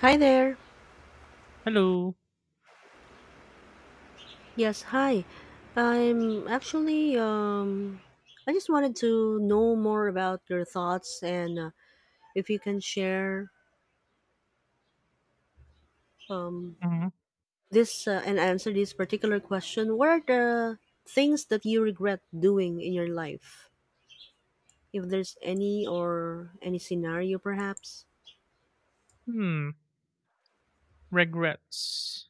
Hi there. Hello. Yes, hi. I'm actually I just wanted to know more about your thoughts and if you can share um Mhm. this and answer this particular question. What are the things that you regret doing in your life? If there's any or any scenario perhaps? Hmm. Regrets.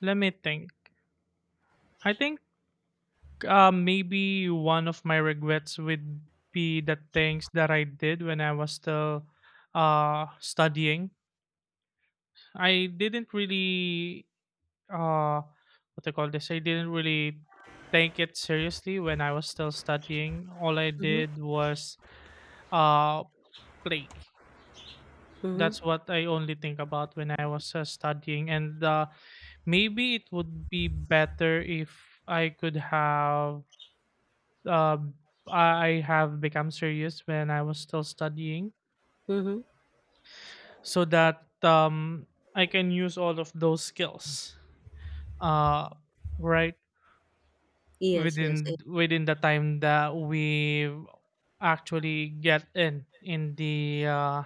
Let me think. I think maybe one of my regrets would be the things that I did when I was still studying. I didn't really uh, what they call this. I didn't really take it seriously when I was still studying. All I Mhm. did was uh, play. Mhm. That's what I only think about when I was studying, and maybe it would be better if I could have um, I have become serious when I was still studying, Mhm. so that I can use all of those skills, uh, right Yes, yes, yes. within the time that we actually get in the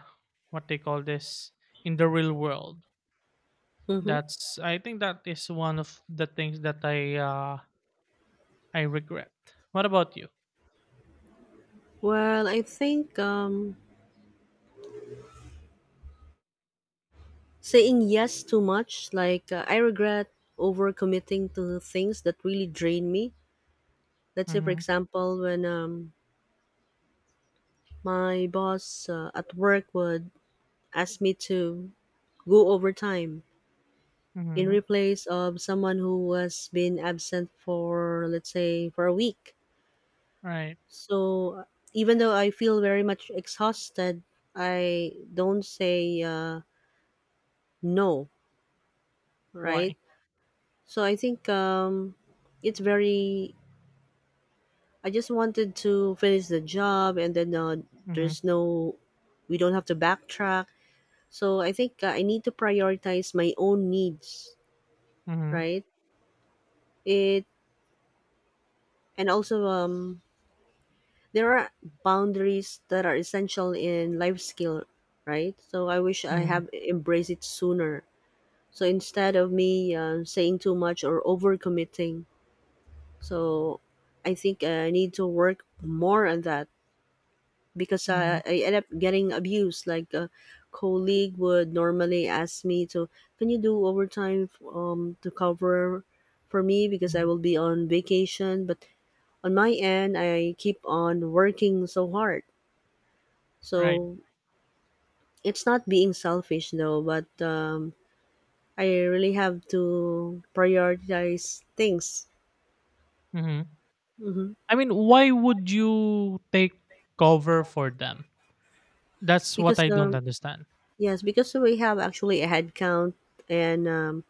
what they call this in the real world. Mm-hmm. That's I think that is one of the things that I regret. What about you? Well, I think saying yes too much, like I regret overcommitting to things that really drain me. Let's say, for Mhm. example, when my boss at work would ask me to go overtime in Mhm. replace of someone who has been absent for, let's say, for a week. Right. So even though I feel very much exhausted, I don't say no, right? Why? So I think it's very I just wanted to finish the job, and then Mhm. there's no, we don't have to backtrack. So I think I need to prioritize my own needs, Mhm. right? It and also there are boundaries that are essential in life skill, right? So I wish I Mhm. have embraced it sooner. So instead of me saying too much or overcommitting, so I think I need to work more on that because I, Mhm. I end up getting abused. Like a colleague would normally ask me to, can you do overtime to cover for me because I Mhm. will be on vacation. But on my end, I keep on working so hard. Right. So it's not being selfish though, but I really have to prioritize things. Mhm. Hmm I mean, why would you take cover for them? That's what Because I don't understand. yes, because we have actually a headcount and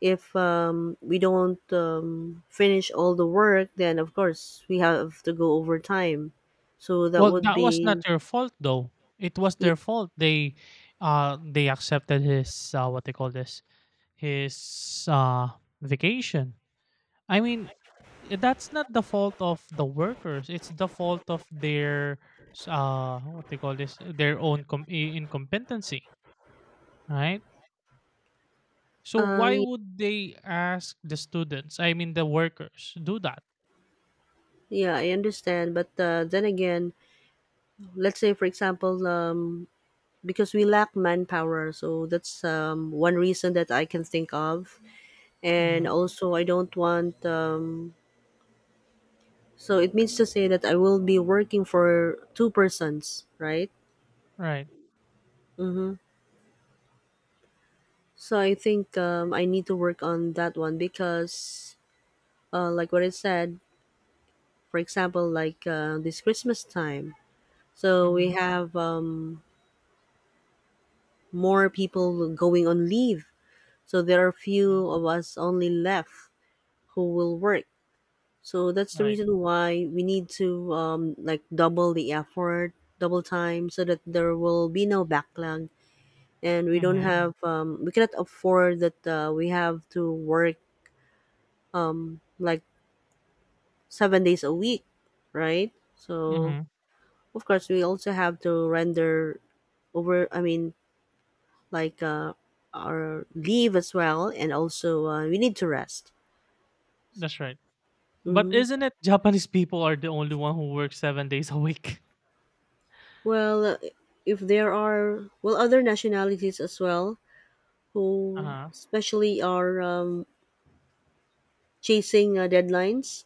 if we don't finish all the work, then of course we have to go overtime. So that Well, would that was not be, your fault though. It was yeah, their fault. They accepted his what they call this his vacation. I mean, that's not the fault of the workers. It's the fault of their what they call this their own incompetency, right? So uh, why y- would they ask the students? I mean, the workers do that, yeah, I understand. But then again, let's say for example, because we lack manpower, so that's one reason that I can think of. And hmm, also, I don't want. So it means to say that I will be working for two persons, right? right? Mm-hmm. So I think I need to work on that one because, like what I said, for example, like this Christmas time, so we Hmm. have more people going on leave. So there are Hmm. few of us only left who will work. So that's the Right. reason why we need to like double the effort, double time, so that there will be no backlog, and we don't Hmm. have we cannot afford that we have to work like 7 days a week, right? So Hmm. of course we also have to render over. I mean, like our leave as well, and also we need to rest. That's right. But Hmm isn't it Japanese people are the only one who work 7 days a week? Well, if there are well other nationalities as well Uh who huh. especially are chasing deadlines,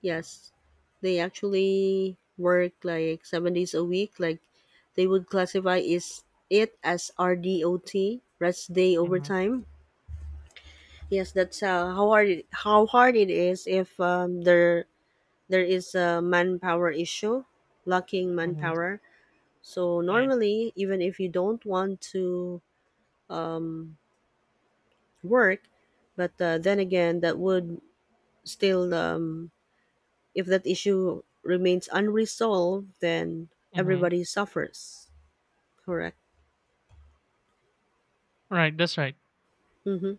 yes, they actually work like 7 days a week. Like they would classify is it as RDOT, rest day Hmm. overtime. Yes, that's how hard it is if there is a manpower issue, lacking Hmm. manpower. So Right. normally, even if you don't want to um, work, but then again, that would still if that issue remains unresolved, then Hmm. everybody suffers. Correct. Right. That's right. Mm-hmm.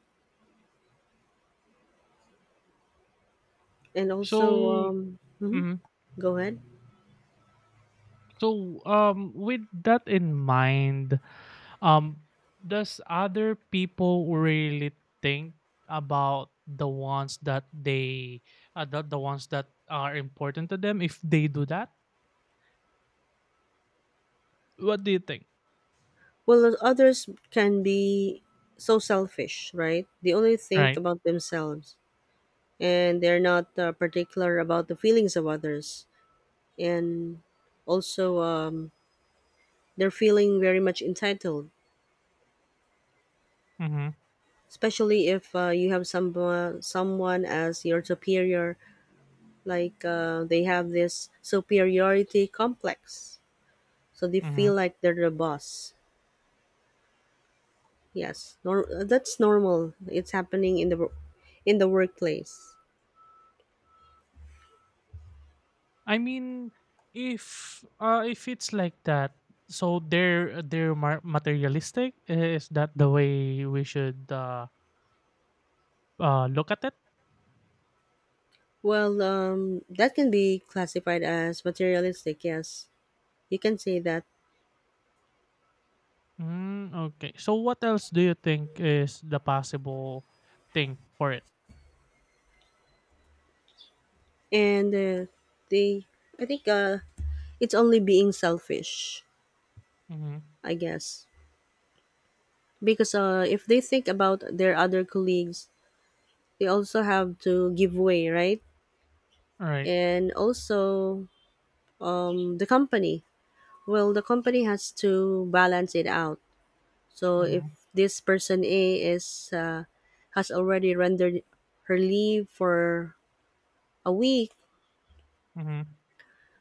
And also, So. Mhm. Mm-hmm. Go ahead. So, with that in mind, um, does other people really think about the ones that the ones that are important to them if they do that? What do you think? Well, others can be so selfish, right? They only think Right. about themselves and they're not particular about the feelings of others. And also, they're feeling very much entitled, Mm-hmm. especially if you have someone as your superior, like they have this superiority complex. So they Mm-hmm. feel like they're the boss. Yes, that's normal. It's happening in the, in the workplace. I mean, if it's like that, so they're materialistic. Is that the way we should look at it? Well, that can be classified as materialistic. Yes, you can say that. Mm, okay. So what else do you think is the possible thing for it? And they, I think, it's only being selfish. Mm-hmm. I guess because if they think about their other colleagues, they also have to give way, right? Right. And also, the company. Well, the company has to balance it out. So if Mm-hmm. this person A is has already rendered her leave for a week, Mm-hmm.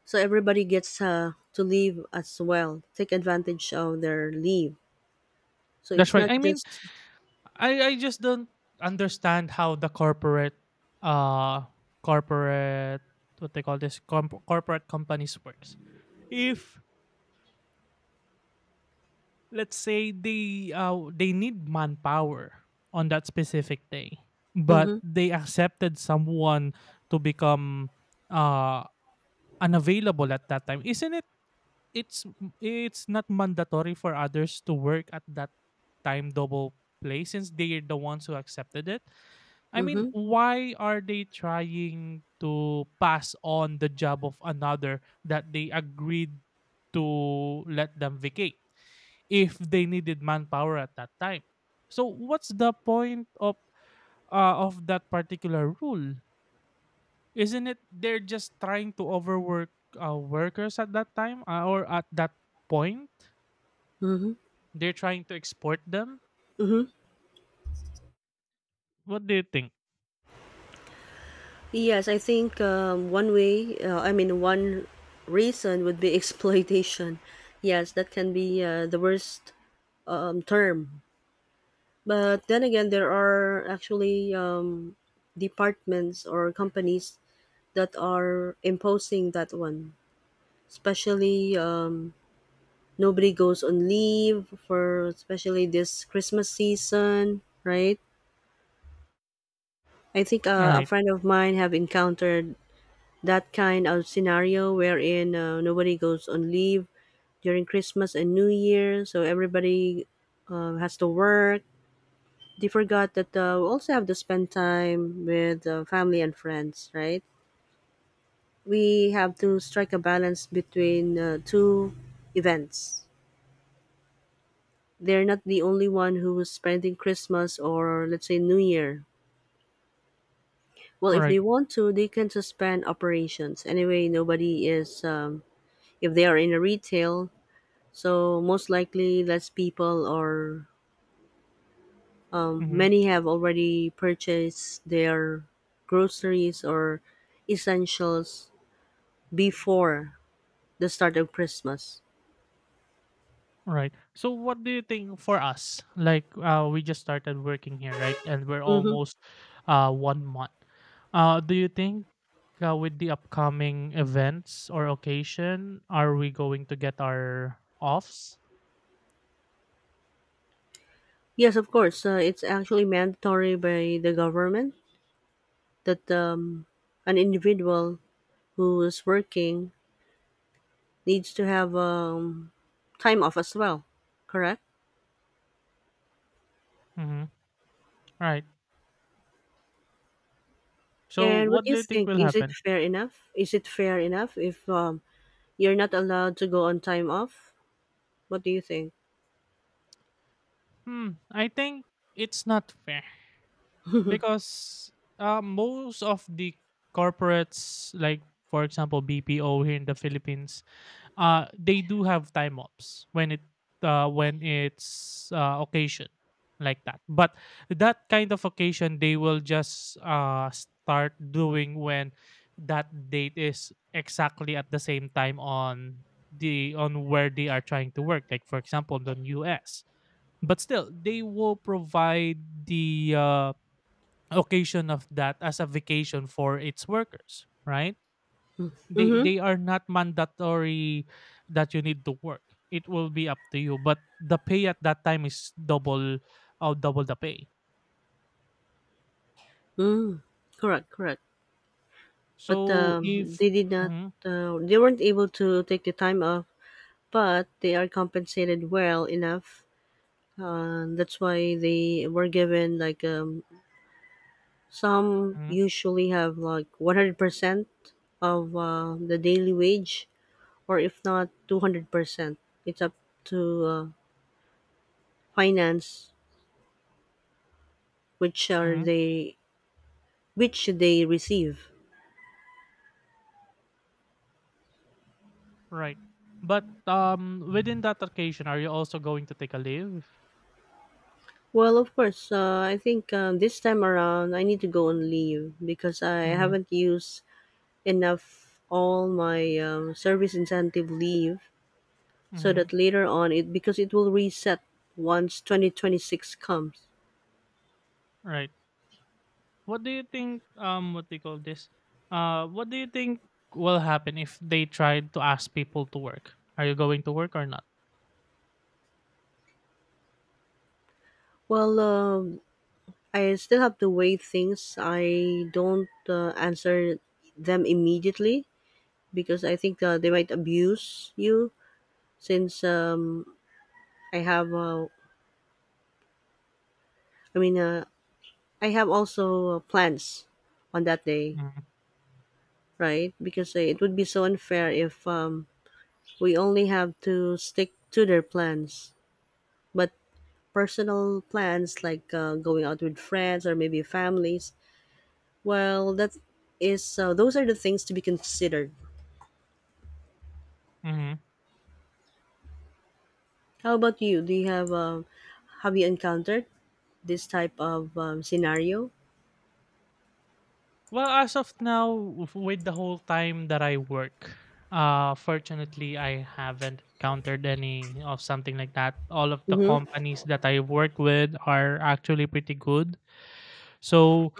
so everybody gets to leave as well, take advantage of their leave, so That's it's right. not I mean, just I just don't understand how the corporate uh corporate what they call this corporate companies works. If let's say they need manpower on that specific day, but mm-hmm, they accepted someone to become uh unavailable at that time, isn't it? it's it's not mandatory for others to work at that time double play since they're the ones who accepted it. I mean, mm-hmm, why are they trying to pass on the job of another that they agreed to let them vacate if they needed manpower at that time? So what's the point of that particular rule? Isn't it they're just trying to overwork workers at that time or at that point? mm-hmm. They're trying to export them? What do you think? Yes, I think one way I mean one reason would be exploitation. Yes, that can be the worst term, but then again there are actually departments or companies that are imposing that one, especially nobody goes on leave for, especially this Christmas season, right? I think a Right, friend of mine have encountered that kind of scenario wherein nobody goes on leave during Christmas and New Year, so everybody has to work. They forgot that we also have to spend time with family and friends, right? We have to strike a balance between two events. They're not the only one who's spending Christmas or let's say New Year. Well, if they right, want to, they can suspend operations. Anyway, nobody is if they are in a retail, so most likely less people or mm-hmm. many have already purchased their groceries or essentials before the start of Christmas. Right. So, what do you think for us? Like, we just started working here, right? And we're Mm-hmm. almost 1 month. Do you think with the upcoming events or occasion, are we going to get our offs? Yes, of course. It's actually mandatory by the government that an individual who is working needs to have time off as well, correct? Mm-hmm. Right. So, And what what do you do you think think? will Is it happen? fair enough? Is it fair enough if you're not allowed to go on time off? What do you think? Hmm, I think it's not fair because most of the corporates, like for example BPO here in the Philippines, they do have time offs when it when it's occasion like that. But that kind of occasion, they will just start doing when that date is exactly at the same time on the on where they are trying to work. Like for example, the US, but still, they will provide the occasion of that as a vacation for its workers, right? They Mm-hmm. they are not mandatory that you need to work. It will be up to you, but the pay at that time is double or double the pay. Mm. Correct, correct. But So if they did not. Mhm. They weren't able to take the time off, but they are compensated well enough. That's why they were given like some Mhm. usually have like 100% of the daily wage, or if not 200%. It's up to uh, finance which are Mhm. they which they receive. Right, but within that occasion, are you also going to take a leave? Well, of course, I think this time around I need to go on leave because I Mm-hmm. haven't used enough all my service incentive leave so Mm-hmm. that later on it, because it will reset once 2026 comes. Right. What do you think what do you call this? What do you think will happen if they try to ask people to work? Are you going to work or not? Well, I still have to weigh things. I don't answer them immediately because I think they might abuse you since I have uh, I mean I have also plans on that day, Mm-hmm. right? Because it would be so unfair if we only have to stick to their plans. But personal plans like going out with friends or maybe families, well that is those are the things to be considered. Mm-hmm. How about you? Do you have you encountered this type of scenario? Well, as of now, with the whole time that I work, fortunately, I haven't encountered any of something like that. All of the Mm-hmm. companies that I work with are actually pretty good. So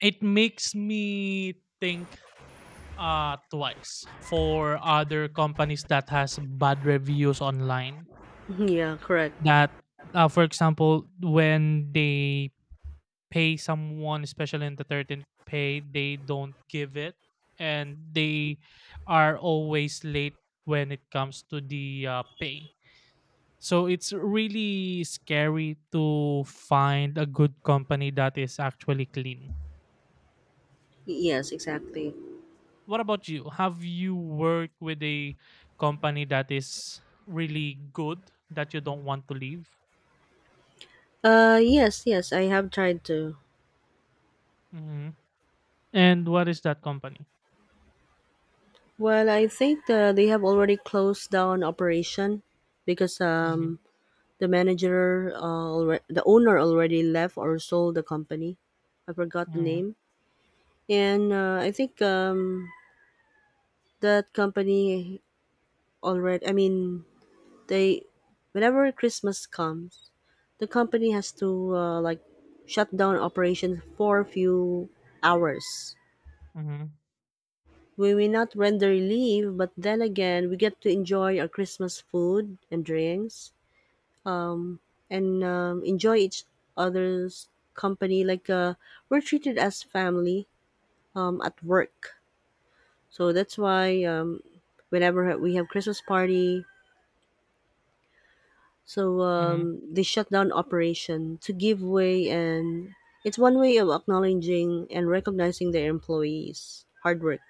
it makes me think twice for other companies that has bad reviews online. Yeah, correct. That, for example, when they pay someone, especially in the 13th pay, they don't give it. And they are always late when it comes to the pay. So it's really scary to find a good company that is actually clean. Yes, exactly. What about you? Have you worked with a company that is really good that you don't want to leave? Yes, yes, I have tried to. Hmm. And what is that company? Well, I think they have already closed down operation because Mm-hmm. The manager, uh, the owner already left or sold the company. I forgot the Mm-hmm. name. And I think that company I mean, they whenever Christmas comes, the company has to like shut down operations for a few hours. Mm-hmm. We may not render leave, but then again, we get to enjoy our Christmas food and drinks and enjoy each other's company. Like we're treated as family at work, so that's why whenever we have Christmas party, so Mm-hmm. They shut down operation to give way, and it's one way of acknowledging and recognizing their employees' hard work.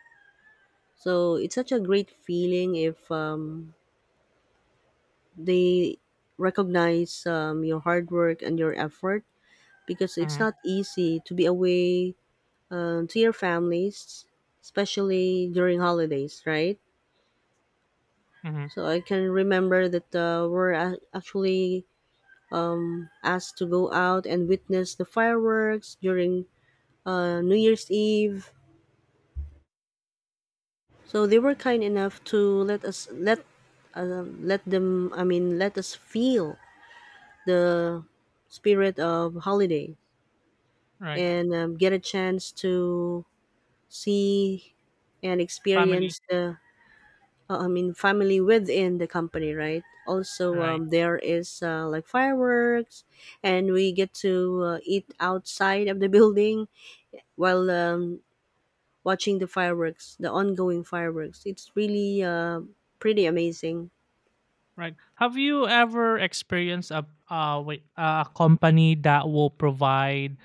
So it's such a great feeling if they recognize your hard work and your effort, because it's Mm-hmm. not easy to be away to your families, especially during holidays, right? Mm-hmm. So I can remember that actually asked to go out and witness the fireworks during New Year's Eve. So they were kind enough to let us let let them. I mean, let us feel the spirit of holiday Right. and get a chance to see and Family. experience the. I mean, family within the company, right? Also, Right. There is like fireworks, and we get to eat outside of the building while watching the fireworks, the ongoing fireworks. It's really pretty amazing. Right. Have you ever experienced a wait a company that will provide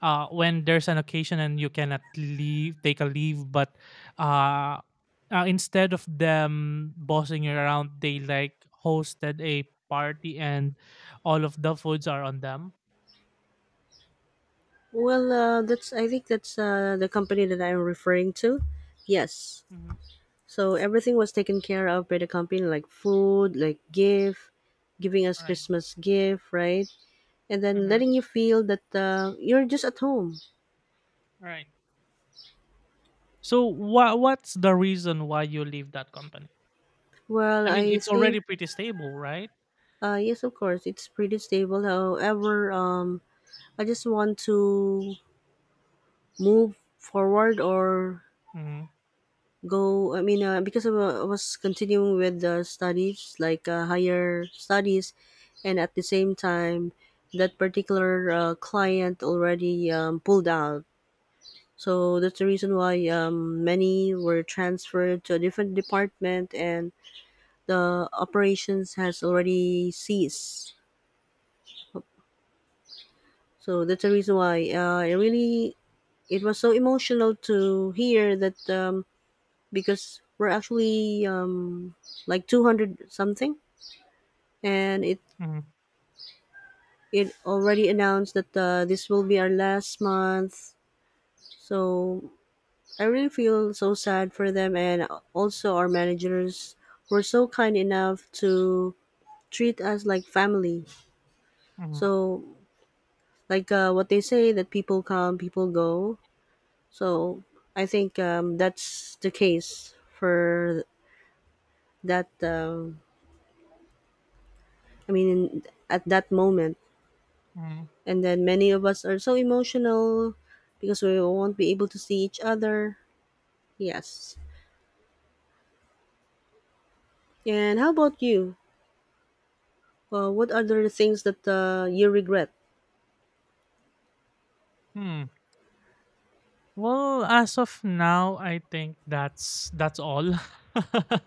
when there's an occasion and you cannot leave take a leave but uh, instead of them bossing you around they like hosted a party and all of the foods are on them. Well, that's I think that's the company that I'm referring to. Yes. Mhm. So everything was taken care of by the company, like food, like gift, giving us Right. Christmas gift, right? And then Mhm. letting you feel that you're just at home. Right. So what's the reason why you leave that company? Well, I mean, I it's think already pretty stable, right? Yes, of course, it's pretty stable. However, I just want to move forward or Mhm. go I mean because I was continuing with the studies like higher studies, and at the same time that particular client already pulled out, so that's the reason why many were transferred to a different department and the operations has already ceased, so that's the reason why it was so emotional to hear that because we're actually like 200 something, and it Mhm. it already announced that this will be our last month. So I really feel so sad for them, and also our managers were so kind enough to treat us like family. Mhm. So like what they say, that people come, people go. So I think that's the case for that, I mean, at that moment. Mhm. And then many of us are so emotional because we won't be able to see each other. Yes. And how about you? What are the things that you regret? Hmm. Well, as of now, I think that's all.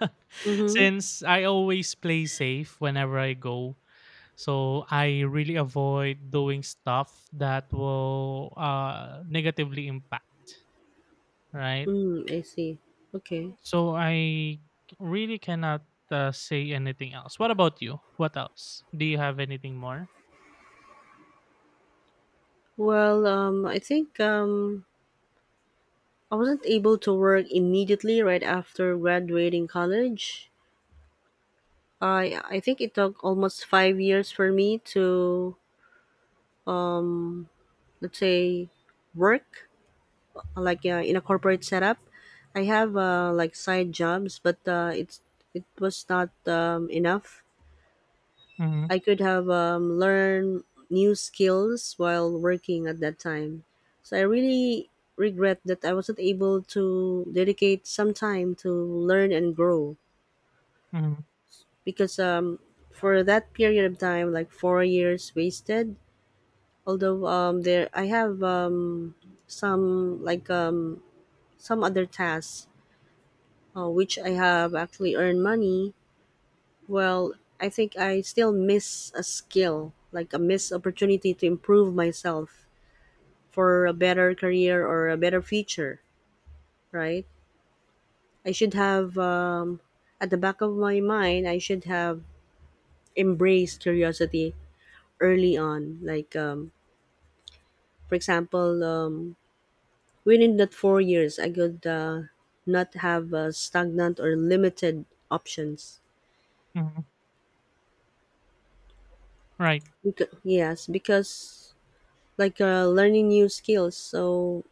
Mm-hmm. Since I always play safe whenever I go, so I really avoid doing stuff that will negatively impact. Right. Mm, I see. Okay. So I really cannot say anything else. What about you? What else? Do you have anything more? Well, I think I wasn't able to work immediately right after graduating college. I think it took almost 5 years for me to, let's say, work like in a corporate setup. I have like side jobs, but it was not enough. Mm-hmm. I could have learned new skills while working at that time. So I really regret that I wasn't able to dedicate some time to learn and grow, Mm-hmm. because for that period of time, like 4 years wasted. Although there I have some like some other tasks which I have actually earned money. Well, I think I still miss a skill, like a missed opportunity to improve myself for a better career or a better future, right? I should have, at the back of my mind, I should have embraced curiosity early on. Like, for example, within that 4 years, I could not have stagnant or limited options. Mm-hmm. Right. Because, yes, because like learning new skills. So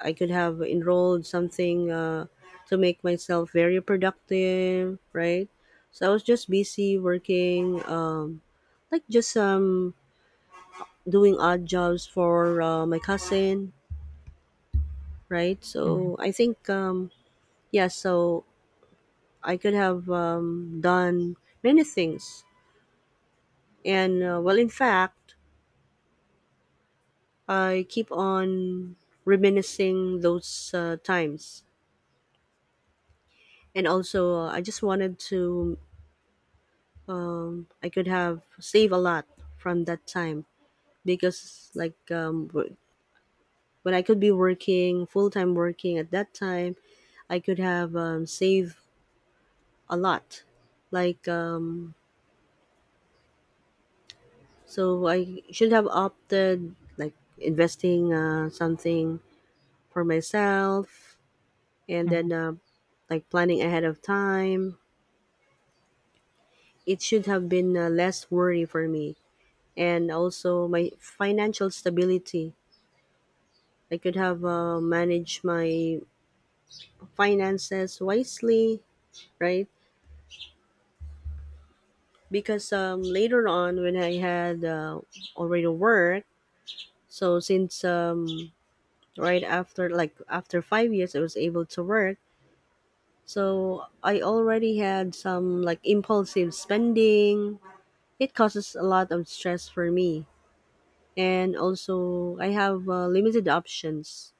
I could have enrolled something to make myself very productive, right? So I was just busy working, like just doing odd jobs for my cousin, right? Mm-hmm. So I think, yeah, so I could have done many things. And well, in fact, I keep on reminiscing those times, and also I just wanted to I could have saved a lot from that time because like when I could be working full-time working at that time I could have saved a lot, like so I should have opted like investing something for myself, and Mm-hmm. then like planning ahead of time, it should have been less worry for me, and also my financial stability. I could have managed my finances wisely, right? Because later on, when I had already work, so since right after, like, after 5 years, I was able to work. So I already had some like impulsive spending. It causes a lot of stress for me, and also I have limited options.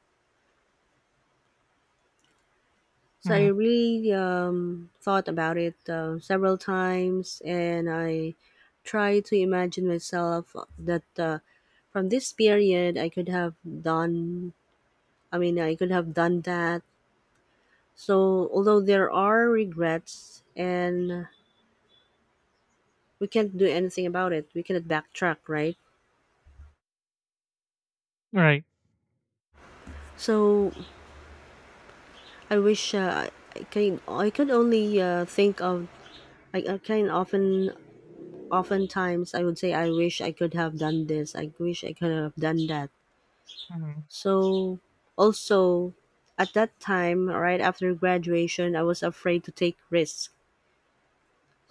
So I Mm-hmm. really thought about it several times, and I tried to imagine myself that from this period I could have done. I mean, I could have done that. So although there are regrets, and we can't do anything about it, we cannot backtrack, right? Right. So I wish I can. I could only think of. I can often, oftentimes I would say, I wish I could have done this. I wish I could have done that. Mm-hmm, So, also, at that time, right after graduation, I was afraid to take risks.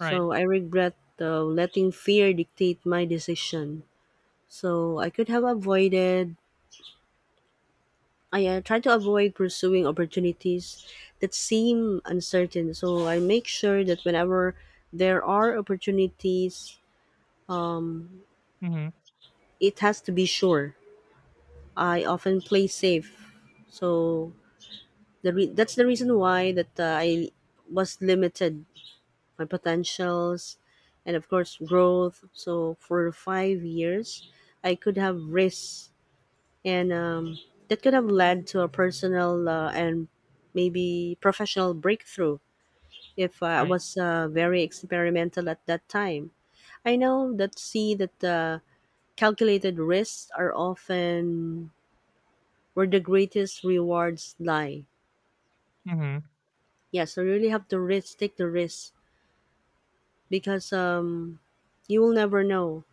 right. I regret letting fear dictate my decision. So I could have avoided, I try to avoid pursuing opportunities that seem uncertain. So I make sure that whenever there are opportunities, Mm-hmm, it has to be sure. I often play safe. So that's the reason why that I was limited my potentials and of course growth. So for 5 years, I could have risks, and that could have led to a personal and maybe professional breakthrough if I right. was very experimental at that time. I know that, see that calculated risks are often where the greatest rewards lie. Mhm. Yeah, so you really have to risk, take the risk, because you will never know.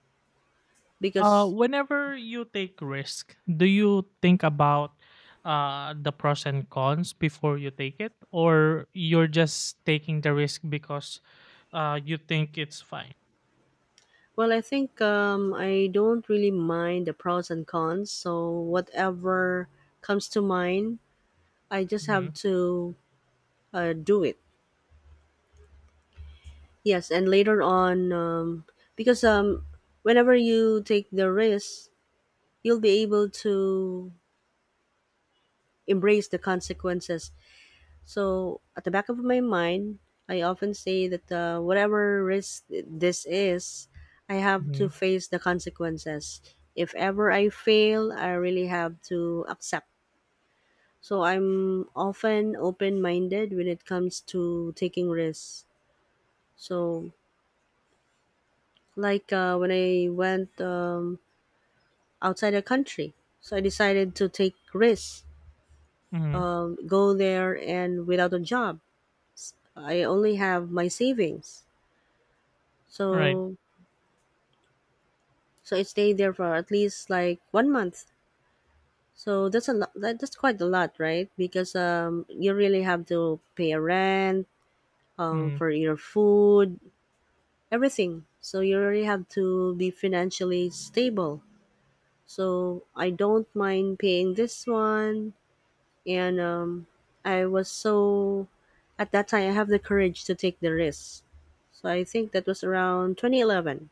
Because, Whenever you take risk, do you think about the pros and cons before you take it, or you're just taking the risk because you think it's fine? well, I think I don't really mind the pros and cons. So whatever comes to mind, I just Mm-hmm. have to do it. Yes, and later on, because whenever you take the risk, you'll be able to embrace the consequences. So, at the back of my mind, I often say that whatever risk this is, I have Mm-hmm. to face the consequences. If ever I fail, I really have to accept. So I'm often open minded when it comes to taking risks. So, like when I went outside the country, so I decided to take risks, Mm-hmm. Go there and without a job. I only have my savings. Right. So so it stayed there for at least like one month. So that's a lot, that's quite a lot, right? Because um, you really have to pay a rent, Mm-hmm. for your food, everything. So you really have to be financially stable, so I don't mind paying this one. And um, I was so, at that time, I have the courage to take the risk. So I think that was around 2011,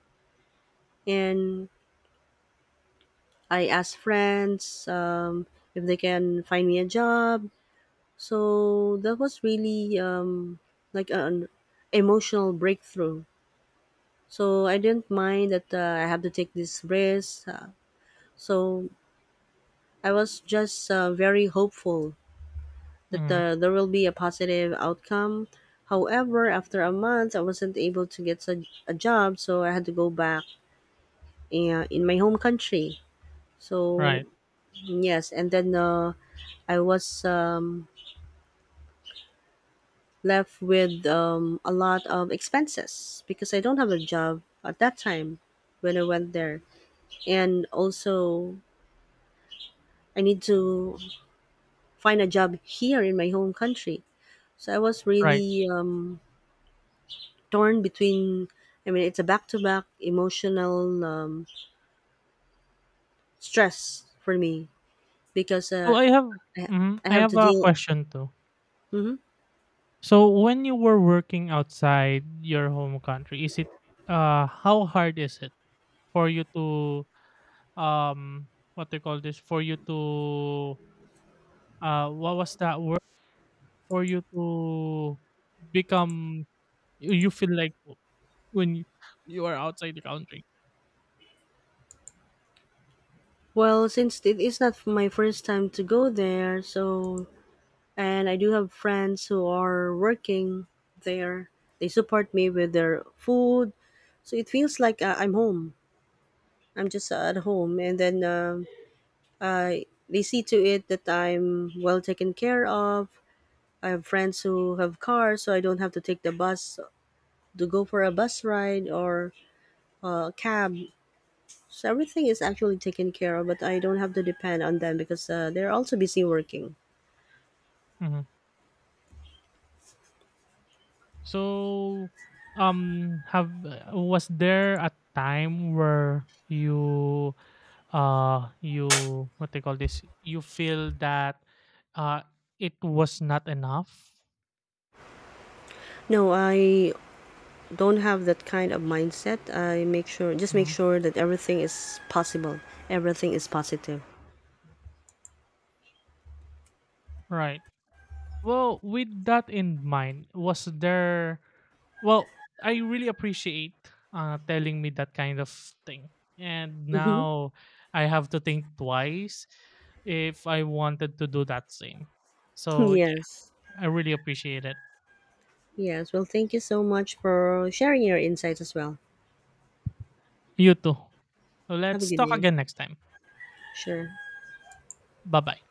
and I asked friends if they can find me a job. So that was really like an emotional breakthrough. So I didn't mind that I have to take this risk. So I was just very hopeful that Mm-hmm. There will be a positive outcome. However, after a month, I wasn't able to get a job, so I had to go back in my home country. So Right. yes, and then I was left with a lot of expenses because I don't have a job at that time when I went there. And also, I need to find a job here in my home country. So I was Right. really torn between, I mean, it's a back to back emotional stress for me, because So I have I, I I have have to a deal. question too. Hmm. So when you were working outside your home country, is it how hard is it for you to um what they call this for you to what was that word for you to become you feel like when you, you are outside the country. Well, since it is not my first time to go there, so and I do have friends who are working there. They support me with their food, so it feels like I'm home. I'm just at home, and then um, I they see to it that I'm well taken care of. I have friends who have cars, so I don't have to take the bus to go for a bus ride or a cab. So everything is actually taken care of, but I don't have to depend on them because they're also busy working. Mhm. So have was there a time where you you what they call this you feel that uh it was not enough. No, I don't have that kind of mindset. I make sure, just make Mhm. sure that everything is possible, everything is positive. Right. Well, with that in mind, was there well, I really appreciate telling me that kind of thing. And Hmm. now I have to think twice if I wanted to do that same. So, yeah, Yes, I really appreciate it. yes. Well, thank you so much for sharing your insights as well. You too. So Have a let's good talk day. again next time. Sure. Bye-bye.